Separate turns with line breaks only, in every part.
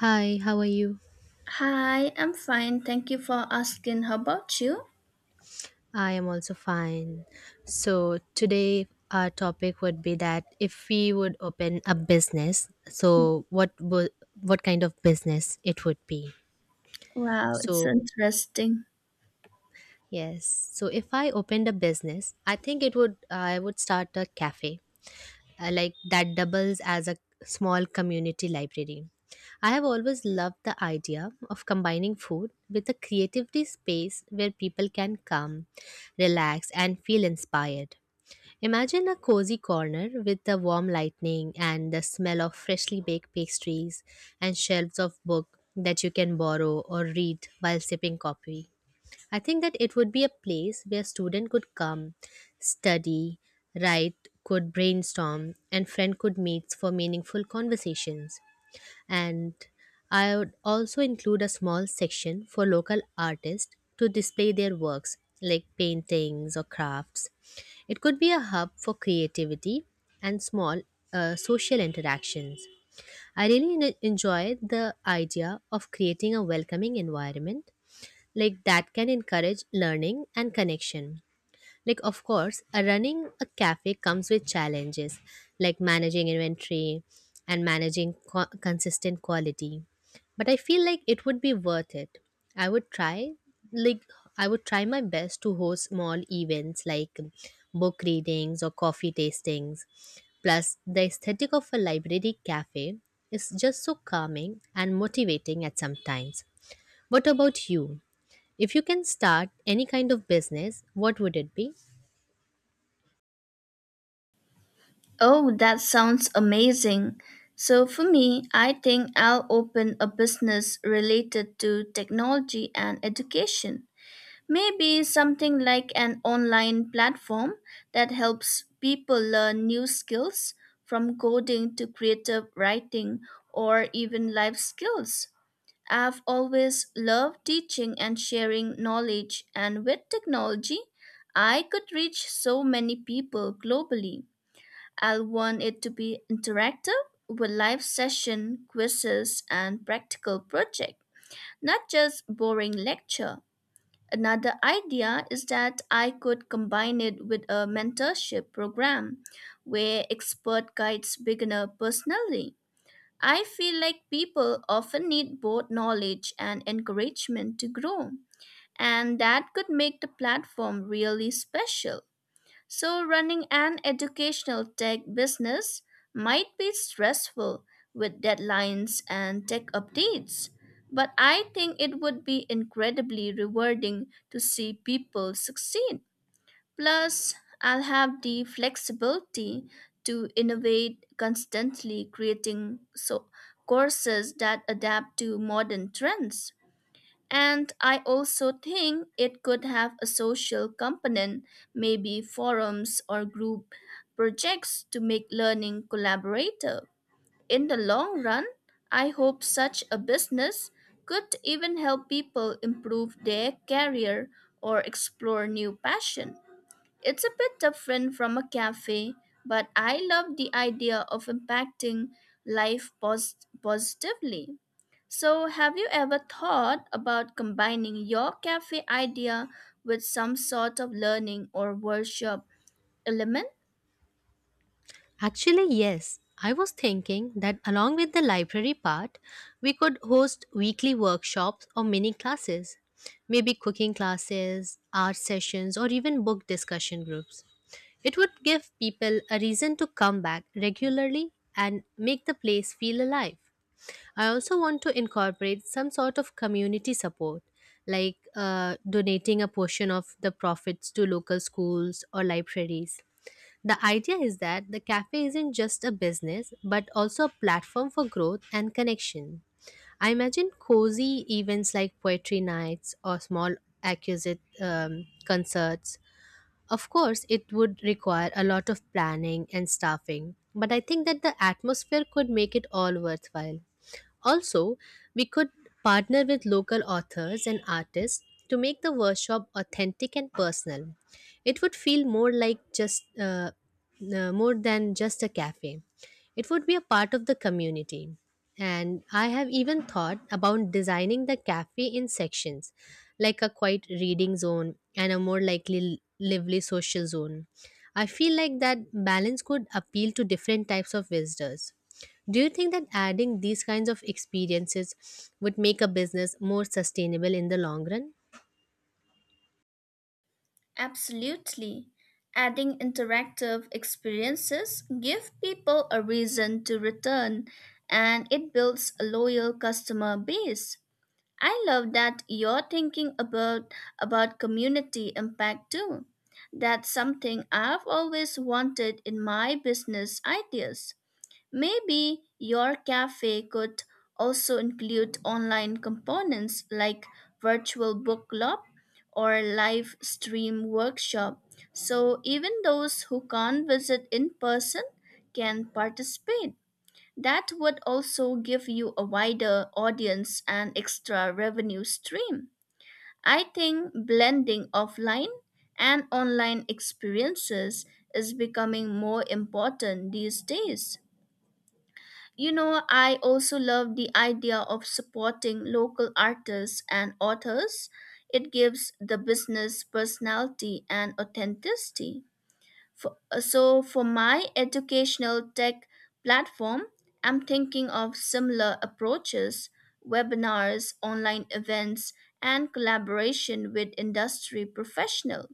Hi, how are you?
Hi, I'm fine. Thank you for asking. How about you?
I am also fine. So, today our topic would be that if we would open a business, so what kind of business it would be.
Wow, it's
So,
interesting.
yes. So, if I opened a business, I think it would I would start a cafe like that doubles as a small community library. I have always loved the idea of combining food with a creativity space where people can come, relax, and feel inspired. Imagine a cozy corner with the warm lighting and the smell of freshly baked pastries and shelves of books that you can borrow or read while sipping coffee. I think that it would be a place where student could come, study, write, could brainstorm, and friend could meet for meaningful conversations. And I would also include a small section for local artists to display their works like paintings or crafts. It could be a hub for creativity and small social interactions. I really enjoy the idea of creating a welcoming environment like that can encourage learning and connection. Like of course a running a cafe comes with challenges like managing inventory and managing consistent quality, but I feel like it would be worth it. I would try, like, I would try my best to host small events like book readings or coffee tastings. Plus the aesthetic of a library cafe is just so calming and motivating at some times. What about you, if you can start any kind of business, what would it be?
Oh, that sounds amazing. So, for me, I think I'll open a business related to technology and education. Maybe something like an online platform that helps people learn new skills from coding to creative writing or even life skills. I've always loved teaching and sharing knowledge, and with technology, I could reach so many people globally. I'll want it to be interactive with live session, quizzes, and practical project, not just boring lecture. Another idea is that I could combine it with a mentorship program where expert guides beginner personally. I feel like people often need both knowledge and encouragement to grow, and that could make the platform really special. So, running an educational tech business might be stressful with deadlines and tech updates, but I think it would be incredibly rewarding to see people succeed. Plus, I'll have the flexibility to innovate constantly, creating so courses that adapt to modern trends. And I also think it could have a social component, maybe forums or group projects to make learning collaborative. In the long run, I hope such a business could even help people improve their career or explore new passion. It's a bit different from a cafe, but I love the idea of impacting life pos- positively. So, have you ever thought about combining your cafe idea with some sort of learning or workshop element?
Actually, yes. I was thinking that along with the library part, we could host weekly workshops or mini classes, maybe cooking classes, art sessions, or even book discussion groups. It would give people a reason to come back regularly and make the place feel alive. I also want to incorporate some sort of community support, like donating a portion of the profits to local schools or libraries. The idea is that the cafe isn't just a business, but also a platform for growth and connection. I imagine cozy events like poetry nights or small acquisite concerts. Of course, it would require a lot of planning and staffing, but I think that the atmosphere could make it all worthwhile. Also, we could partner with local authors and artists to make the workshop authentic and personal. It would feel more like just more than just a cafe. It would be a part of the community. And I have even thought about designing the cafe in sections, like a quiet reading zone and a more likely lively social zone. I feel like that balance could appeal to different types of visitors. Do you think that adding these kinds of experiences would make a business more sustainable in the long run?
Absolutely. Adding interactive experiences give people a reason to return, and it builds a loyal customer base. I love that you're thinking about community impact too. That's something I've always wanted in my business ideas. Maybe your cafe could also include online components like virtual book club or live stream workshop. So even those who can't visit in person can participate. That would also give you a wider audience and extra revenue stream. I think blending offline and online experiences is becoming more important these days. You know, I also love the idea of supporting local artists and authors. It gives the business personality and authenticity. So for my educational tech platform, I'm thinking of similar approaches, webinars, online events, and collaboration with industry professional.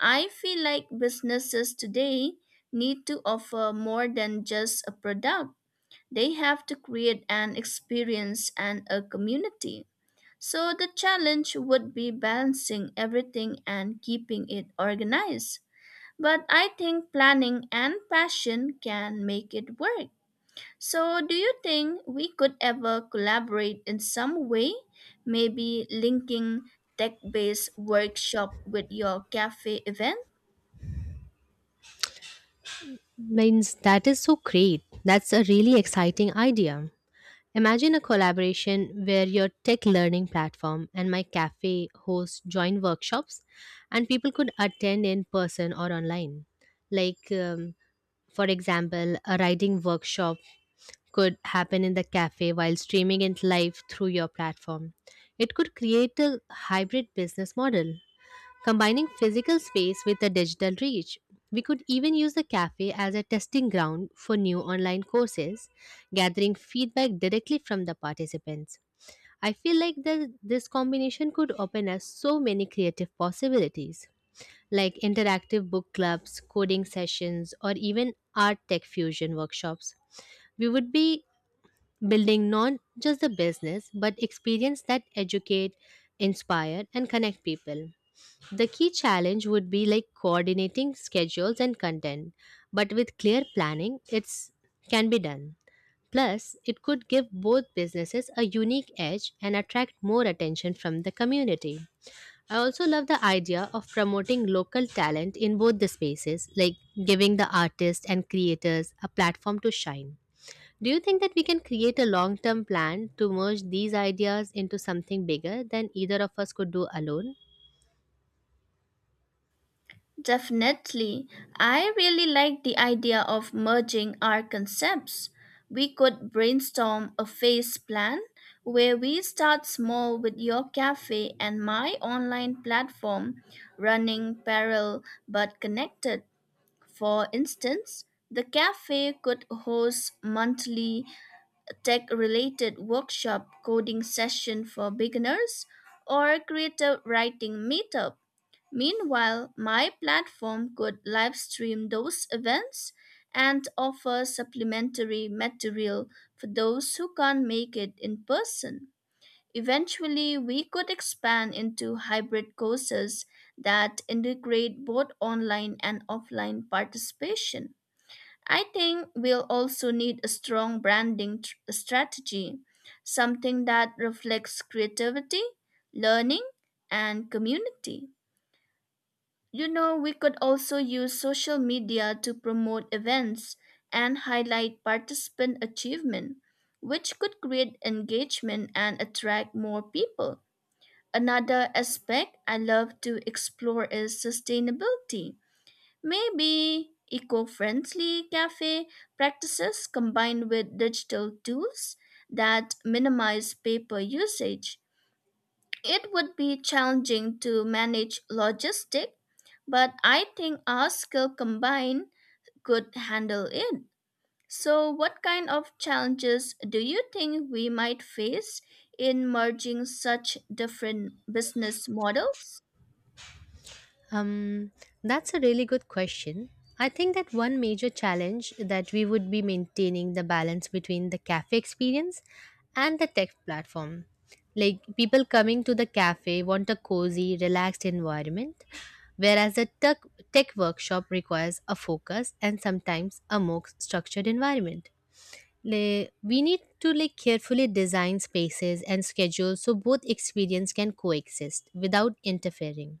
I feel like businesses today need to offer more than just a product. They have to create an experience and a community. So the challenge would be balancing everything and keeping it organized. But I think planning and passion can make it work. So, do you think we could ever collaborate in some way? Maybe linking tech based workshop with your cafe event?
Means that is so great. That's a really exciting idea. Imagine a collaboration where your tech learning platform and my cafe host join workshops, and people could attend in person or online. Like, for example, a writing workshop could happen in the cafe while streaming it live through your platform. It could create a hybrid business model, combining physical space with a digital reach. We could even use the cafe as a testing ground for new online courses, gathering feedback directly from the participants. I feel like this combination could open us so many creative possibilities, like interactive book clubs, coding sessions, or even art tech fusion workshops. We would be building not just the business but experience that educate, inspire, and connect people. The key challenge would be like coordinating schedules and content, but with clear planning it's can be done. Plus it could give both businesses a unique edge and attract more attention from the community. I also love the idea of promoting local talent in both the spaces, like giving the artists and creators a platform to shine. Do you think that we can create a long term plan to merge these ideas into something bigger than either of us could do alone?
Definitely. I really like the idea of merging our concepts. We could brainstorm a phase plan where we start small with your cafe and my online platform running parallel but connected. For instance, the cafe could host monthly tech related workshop coding session for beginners or creative writing meetup. Meanwhile, my platform could live stream those events and offer supplementary material for those who can't make it in person. Eventually, we could expand into hybrid courses that integrate both online and offline participation. I think we'll also need a strong strategy, something that reflects creativity, learning, and community. You know, we could also use social media to promote events and highlight participant achievement, which could create engagement and attract more people. Another aspect I love to explore is sustainability. Maybe eco-friendly cafe practices combined with digital tools that minimize paper usage. It would be challenging to manage logistics, but I think our skill combined could handle it. So, what kind of challenges do you think we might face in merging such different business models?
Um, that's a really good question. I think that one major challenge that we would be maintaining the balance between the cafe experience and the tech platform. Like people coming to the cafe want a cozy, relaxed environment, whereas a tech workshop requires a focus and sometimes a more structured environment. Like we need to like carefully design spaces and schedules so both experience can coexist without interfering.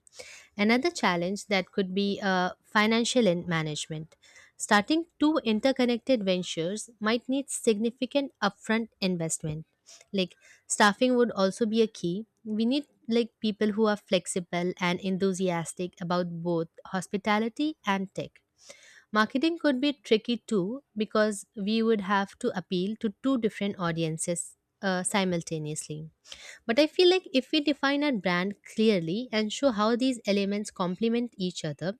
Another challenge that could be financial and management. Starting two interconnected ventures might need significant upfront investment. Like staffing would also be a key. We need like people who are flexible and enthusiastic about both hospitality and tech. Marketing could be tricky too, because we would have to appeal to two different audiences simultaneously. But I feel like if we define our brand clearly and show how these elements complement each other,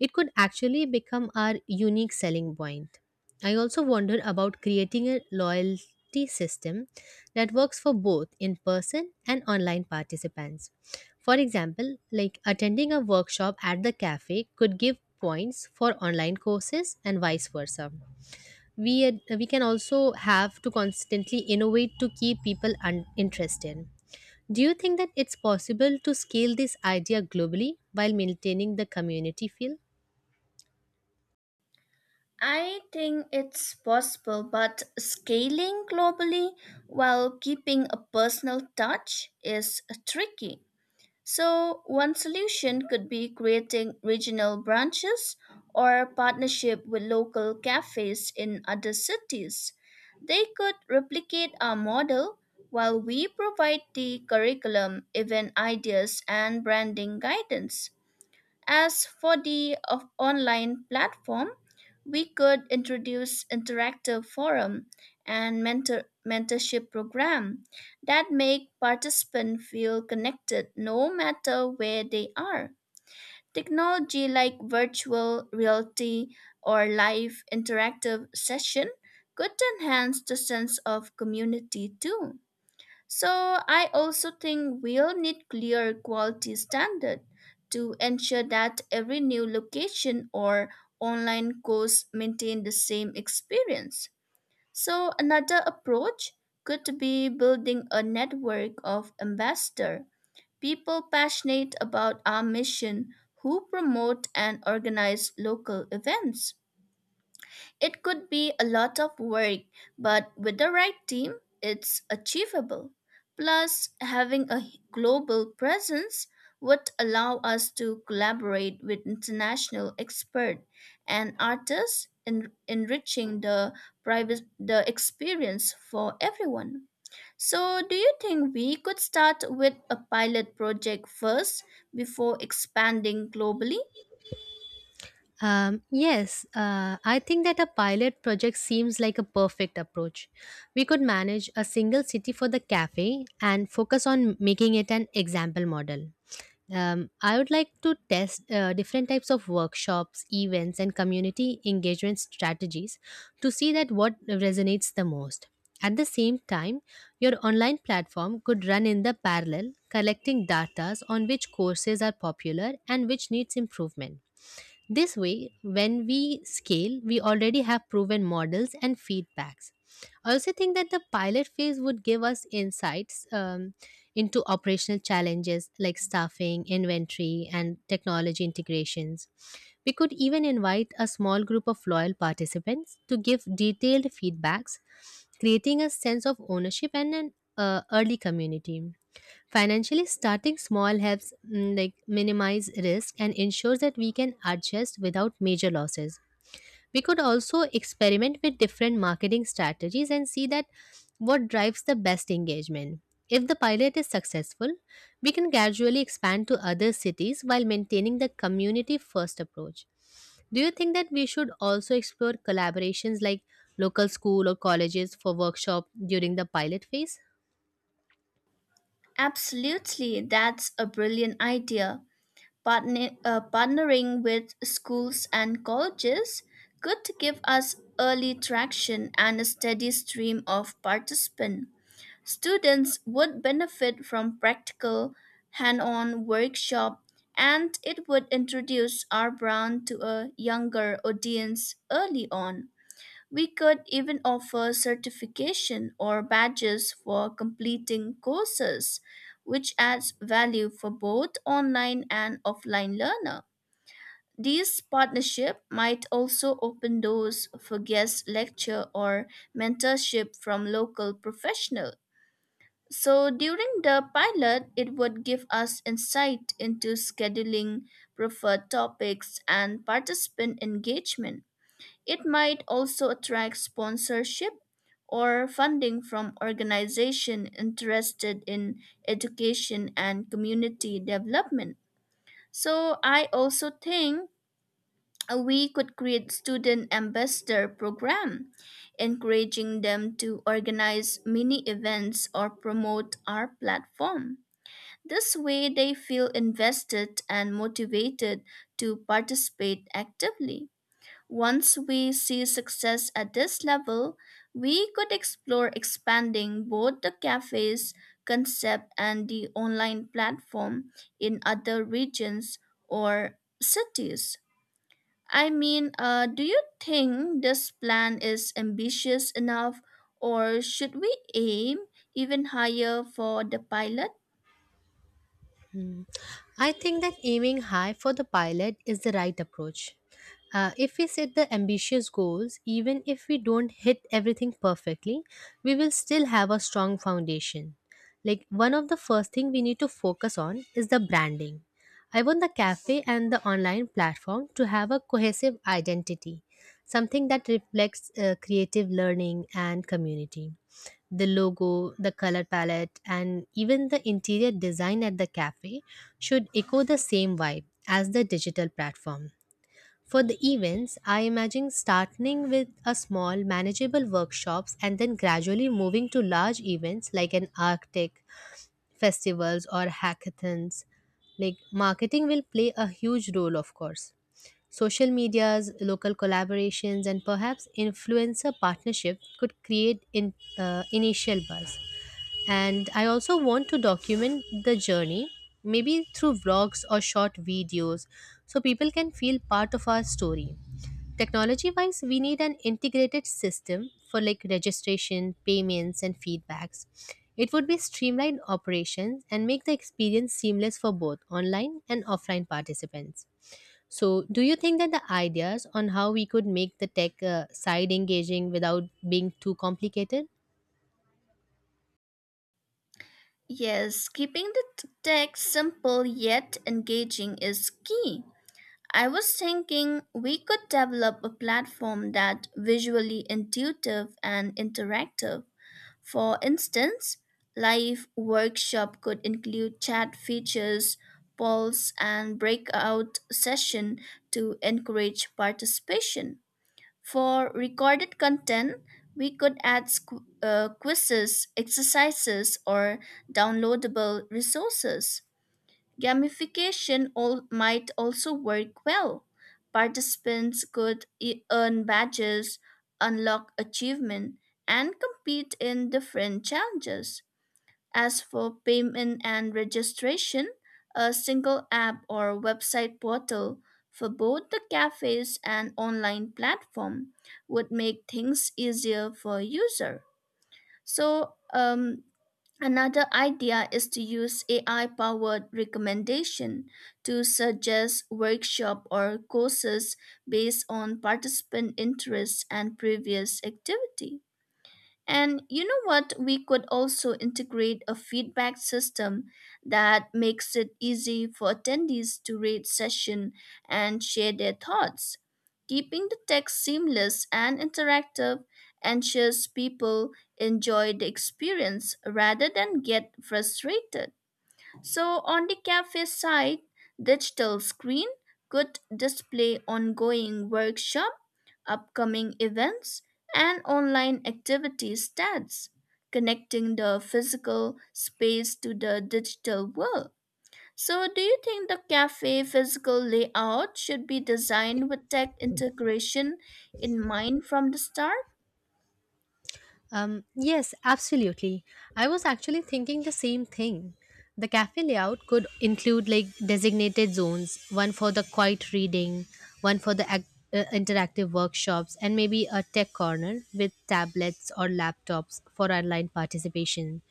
it could actually become our unique selling point. I also wonder about creating a loyalty system that works for both in person and online participants. For example, like attending a workshop at the cafe could give points for online courses and vice versa. We can also have to constantly innovate to keep people interested. Do you think that it's possible to scale this idea globally while maintaining the community feel?
I think it's possible, but scaling globally while keeping a personal touch is tricky. So, one solution could be creating regional branches or partnership with local cafes in other cities. They could replicate our model while we provide the curriculum, event ideas, and branding guidance. As for the of online platform, we could introduce interactive forum and mentorship program that make participants feel connected no matter where they are. Technology like virtual reality or live interactive session could enhance the sense of community too. So I also think we'll need clear quality standard to ensure that every new location or online course maintain the same experience. So another approach could be building a network of ambassador, people passionate about our mission who promote and organize local events. It could be a lot of work, but with the right team, it's achievable. Plus, having a global presence would allow us to collaborate with international experts and artists in enriching the private the experience for everyone. So, do you think we could start with a pilot project first before expanding globally?
Yes, I think that a pilot project seems like a perfect approach. We could manage a single city for the cafe and focus on making it an example model. I would like to test different types of workshops, events, and community engagement strategies to see that what resonates the most. At the same time, your online platform could run in the parallel, collecting data on which courses are popular and which needs improvement. This way, when we scale, we already have proven models and feedbacks. I also think that the pilot phase would give us insights into operational challenges like staffing, inventory, and technology integrations. We could even invite a small group of loyal participants to give detailed feedbacks, creating a sense of ownership and an early community. Financially, starting small helps like minimize risk and ensures that we can adjust without major losses. We could also experiment with different marketing strategies and see that what drives the best engagement. If the pilot is successful, we can gradually expand to other cities while maintaining the community first approach. Do you think that we should also explore collaborations like local school or colleges for workshop during the pilot phase?
Absolutely, that's a brilliant idea. Partnering with schools and colleges could give us early traction and a steady stream of participants. Students would benefit from practical, hand on workshop, and it would introduce our brand to a younger audience early on. We could even offer certification or badges for completing courses, which adds value for both online and offline learner. These partnership might also open doors for guest lecture or mentorship from local professional. So during the pilot, it would give us insight into scheduling, preferred topics, and participant engagement. It might also attract sponsorship or funding from organizations interested in education and community development. So I also think we could create student ambassador program encouraging them to organize mini events or promote our platform. This way they feel invested and motivated to participate actively. Once we see success at this level, we could explore expanding both the cafe's concept and the online platform in other regions or cities. Do you think this plan is ambitious enough, or should we aim even higher for the pilot?
Hmm. I think that aiming high for the pilot is the right approach. If we set the ambitious goals, even if we don't hit everything perfectly, we will still have a strong foundation. Like one of the first thing we need to focus on is the branding. I want the cafe and the online platform to have a cohesive identity, something that reflects creative learning and community. The logo, the color palette, and even the interior design at the cafe should echo the same vibe as the digital platform. For the events, I imagine starting with a small, manageable workshops and then gradually moving to large events like an Arctic, festivals, or hackathons. Like marketing will play a huge role, of course. Social medias, local collaborations, and perhaps influencer partnership could create initial buzz. And I also want to document the journey, maybe through vlogs or short videos, so people can feel part of our story. Technology wise, we need an integrated system for like registration, payments, and feedbacks. It would be streamlined operations and make the experience seamless for both online and offline participants. So, do you think that the ideas on how we could make the tech side engaging without being too complicated?
Yes, keeping the tech simple yet engaging is key. I was thinking we could develop a platform that visually intuitive and interactive. For instance, live workshop could include chat features, polls and breakout session to encourage participation. For recorded content, we could add quizzes, exercises or downloadable resources. Gamification all, might also work well. Participants could earn badges, unlock achievement, and compete in different challenges. As for payment and registration, a single app or website portal for both the cafes and online platform would make things easier for user. So, um, Another idea is to use AI powered recommendation to suggest workshop or courses based on participant interests and previous activity. And you know what? We could also integrate a feedback system that makes it easy for attendees to rate session and share their thoughts. Keeping the text seamless and interactive ensures people enjoy the experience rather than get frustrated. So, on the cafe side, digital screen could display ongoing workshop, upcoming events, and online activity stats, connecting the physical space to the digital world. So, do you think the cafe physical layout should be designed with tech integration in mind from the start?
Yes, absolutely. I was actually thinking the same thing. The cafe layout could include like designated zones, one for the quiet reading, one for the interactive workshops, and maybe a tech corner with tablets or laptops for online participation.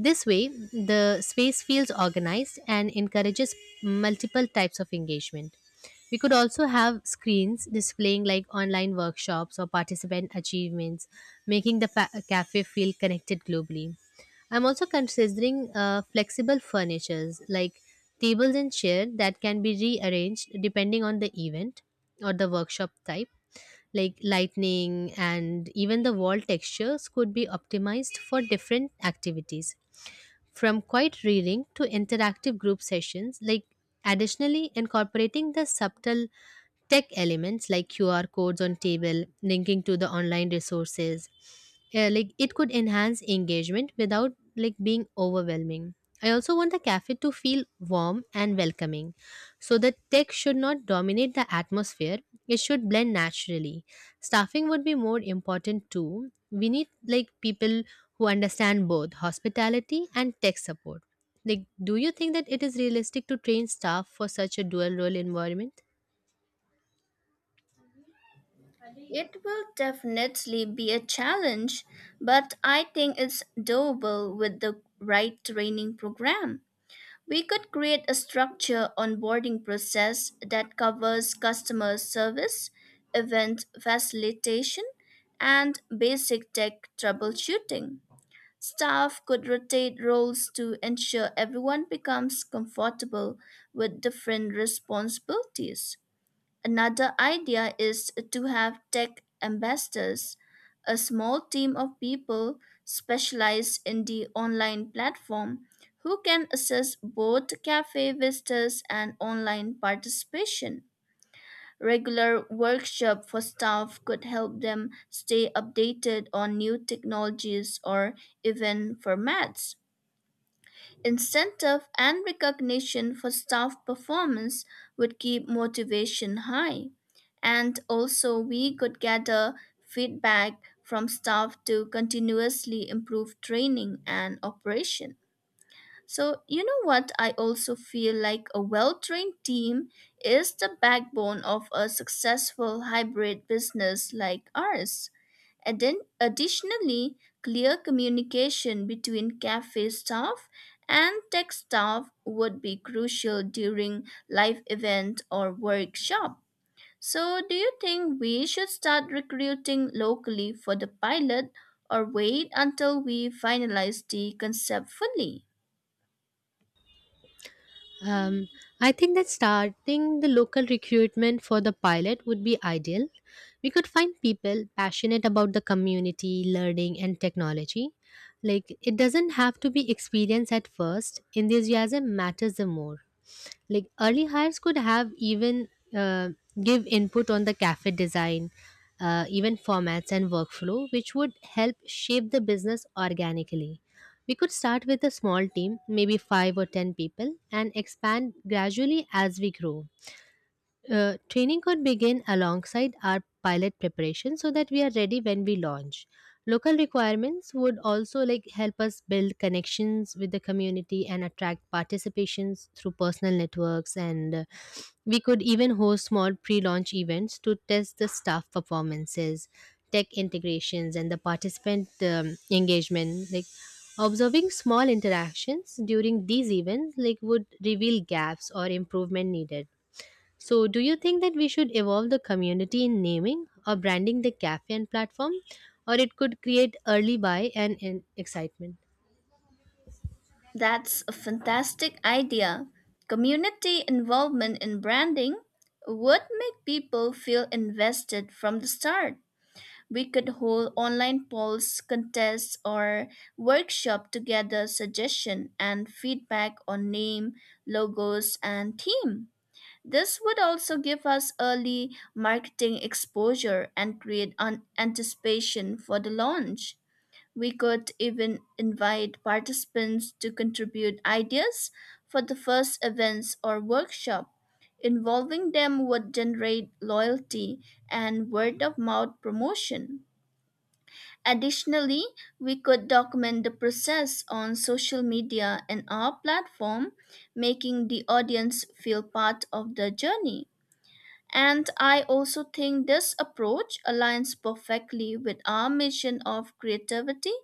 This way, the space feels organized and encourages multiple types of engagement. We could also have screens displaying like online workshops or participant achievements, making the cafe feel connected globally. I'm also considering flexible furnitures like tables and chairs that can be rearranged depending on the event or the workshop type, like lightning and even the wall textures could be optimized for different activities, from quiet reading to interactive group sessions. Like additionally, incorporating the subtle tech elements like QR codes on table linking to the online resources, like it could enhance engagement without like being overwhelming. I also want the cafe to feel warm and welcoming, so the tech should not dominate the atmosphere. It should blend naturally. Staffing would be more important too. We need like people who understand both hospitality and tech support. Like, do you think that it is realistic to train staff for such a dual role environment?
It will definitely be a challenge, but I think it's doable with the right training program. We could create a structure onboarding process that covers customer service, event facilitation, and basic tech troubleshooting. Staff could rotate roles to ensure everyone becomes comfortable with different responsibilities. Another idea is to have tech ambassadors, a small team of people specialized in the online platform who can assess both cafe visitors and online participation. Regular workshop for staff could help them stay updated on new technologies or even formats. Incentive and recognition for staff performance would keep motivation high. And also, we could gather feedback from staff to continuously improve training and operation. So, you know what? I also feel like a well trained team is the backbone of a successful hybrid business like ours. And then, additionally, clear communication between cafe staff and tech staff would be crucial during live event or workshop. So, do you think we should start recruiting locally for the pilot or wait until we finalize the concept fully?
Um, I think that starting the local recruitment for the pilot would be ideal. We could find people passionate about the community, learning, and technology. Like, it doesn't have to be experience at first, enthusiasm matters the more. Like early hires could have even uh, give input on the cafe design, even formats and workflow, which would help shape the business organically. We could start with a small team, maybe 5 or 10 people, and expand gradually as we grow. Training could begin alongside our pilot preparation so that we are ready when we launch. Local requirements would also like help us build connections with the community and attract participations through personal networks. And we could even host small pre-launch events to test the staff performances, tech integrations and the participant engagement. Like observing small interactions during these events like would reveal gaps or improvement needed. So, do you think that we should evolve the community in naming or branding the cafe and platform, or it could create early buy and excitement?
That's a fantastic idea. Community involvement in branding would make people feel invested from the start. We could hold online polls, contests, or workshop to gather suggestion and feedback on name, logos, and theme. This would also give us early marketing exposure and create an anticipation for the launch. We could even invite participants to contribute ideas for the first events or workshop. Involving them would generate loyalty and word of mouth promotion. Additionally, we could document the process on social media and our platform, making the audience feel part of the journey. And I also think this approach aligns perfectly with our mission of creativity,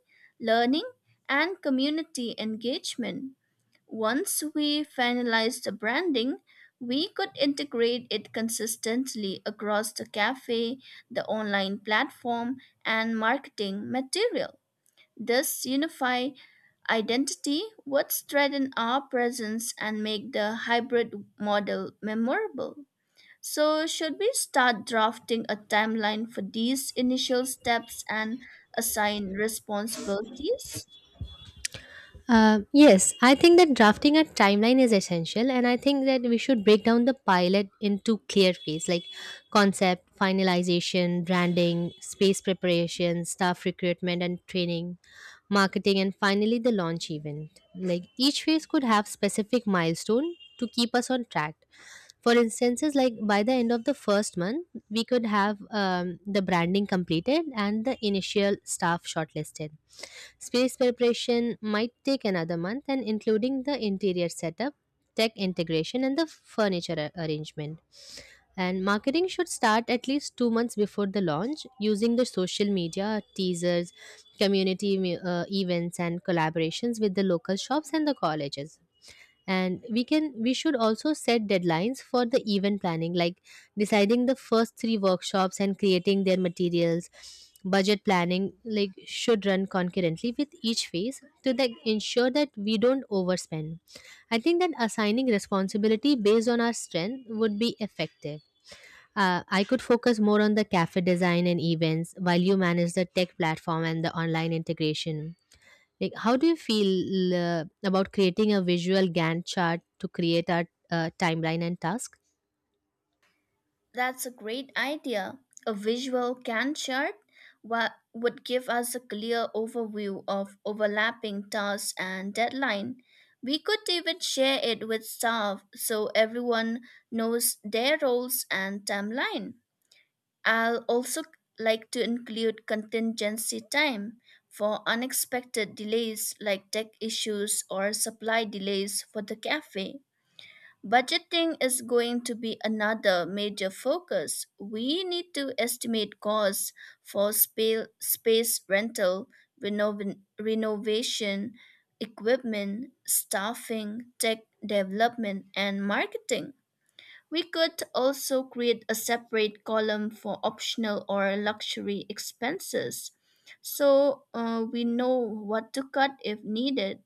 learning, and community engagement. Once we finalize the branding, we could integrate it consistently across the cafe, the online platform, and marketing material. This unified identity would strengthen our presence and make the hybrid model memorable. So, should we start drafting a timeline for these initial steps and assign responsibilities?
Yes, I think that drafting a timeline is essential, and I think that we should break down the pilot into clear phase like concept, finalization, branding, space preparation, staff recruitment and training, marketing, and finally the launch event. Like each phase could have specific milestone to keep us on track. For instances, like by the end of the first month, we could have the branding completed and the initial staff shortlisted. Space preparation might take another month, and including the interior setup, tech integration, and the furniture arrangement. And marketing should start at least 2 months before the launch, using the social media, teasers, community events, and collaborations with the local shops and the colleges. And we should also set deadlines for the event planning, like deciding the first three workshops and creating their materials. Budget planning like should run concurrently with each phase to like ensure that we don't overspend. I think that assigning responsibility based on our strength would be effective. I could focus more on the cafe design and events while you manage the tech platform and the online integration. Like, how do you feel about creating a visual Gantt chart to create our timeline and task?
That's a great idea. A visual Gantt chart would give us a clear overview of overlapping tasks and deadline. We could even share it with staff so everyone knows their roles and timeline. I'll also like to include contingency time for unexpected delays like tech issues or supply delays for the cafe. Budgeting is going to be another major focus. We need to estimate costs for space rental, renovation, equipment, staffing, tech development, and marketing. We could also create a separate column for optional or luxury expenses so we know what to cut if needed.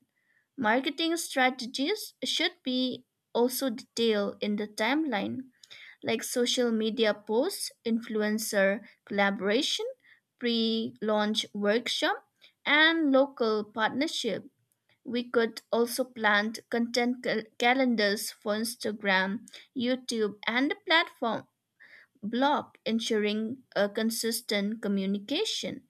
Marketing strategies should be also detailed in the timeline, like social media posts, influencer collaboration, pre launch workshop, and local partnership. We could also plant content calendars for Instagram, YouTube, and the platform blog, ensuring a consistent communication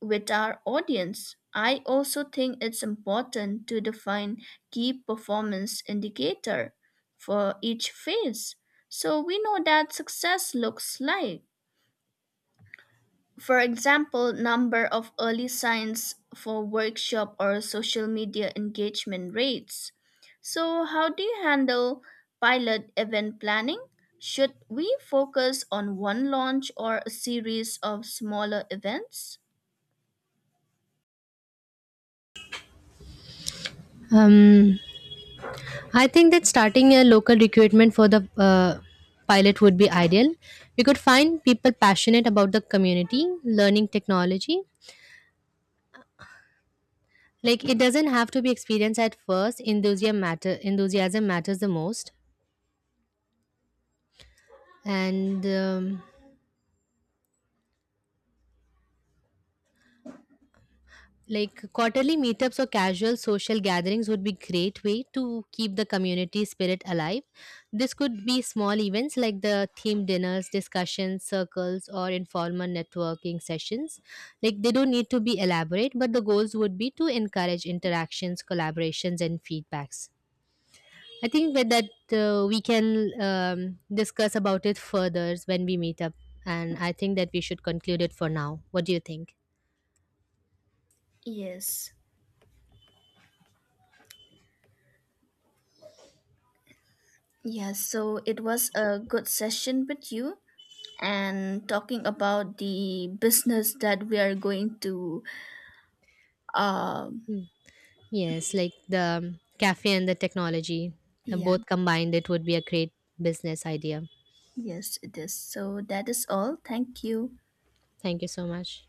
with our audience. I also think it's important to define key performance indicator for each phase so we know that success looks like, for example, number of early signs for workshop or social media engagement rates. So, how do you handle pilot event planning? Should we focus on one launch or a series of smaller events?
Um, I think that starting a local recruitment for the pilot would be ideal. We could find people passionate about the community, learning technology. Like, it doesn't have to be experienced at first, enthusiasm matters the most. And like quarterly meetups or casual social gatherings would be great way to keep the community spirit alive. This could be small events like the theme dinners, discussions circles, or informal networking sessions. Like they don't need to be elaborate, but the goals would be to encourage interactions, collaborations and feedbacks. I think with that we can discuss about it further when we meet up, and I think that we should conclude it for now. What do you think?
Yes. Yes, so it was a good session with you and talking about the business that we are going to um
Mm. Yes, like the cafe and the technology,
yeah,
both combined, it would be a great business idea.
yes it is. So that is all. Thank you.
Thank you so much.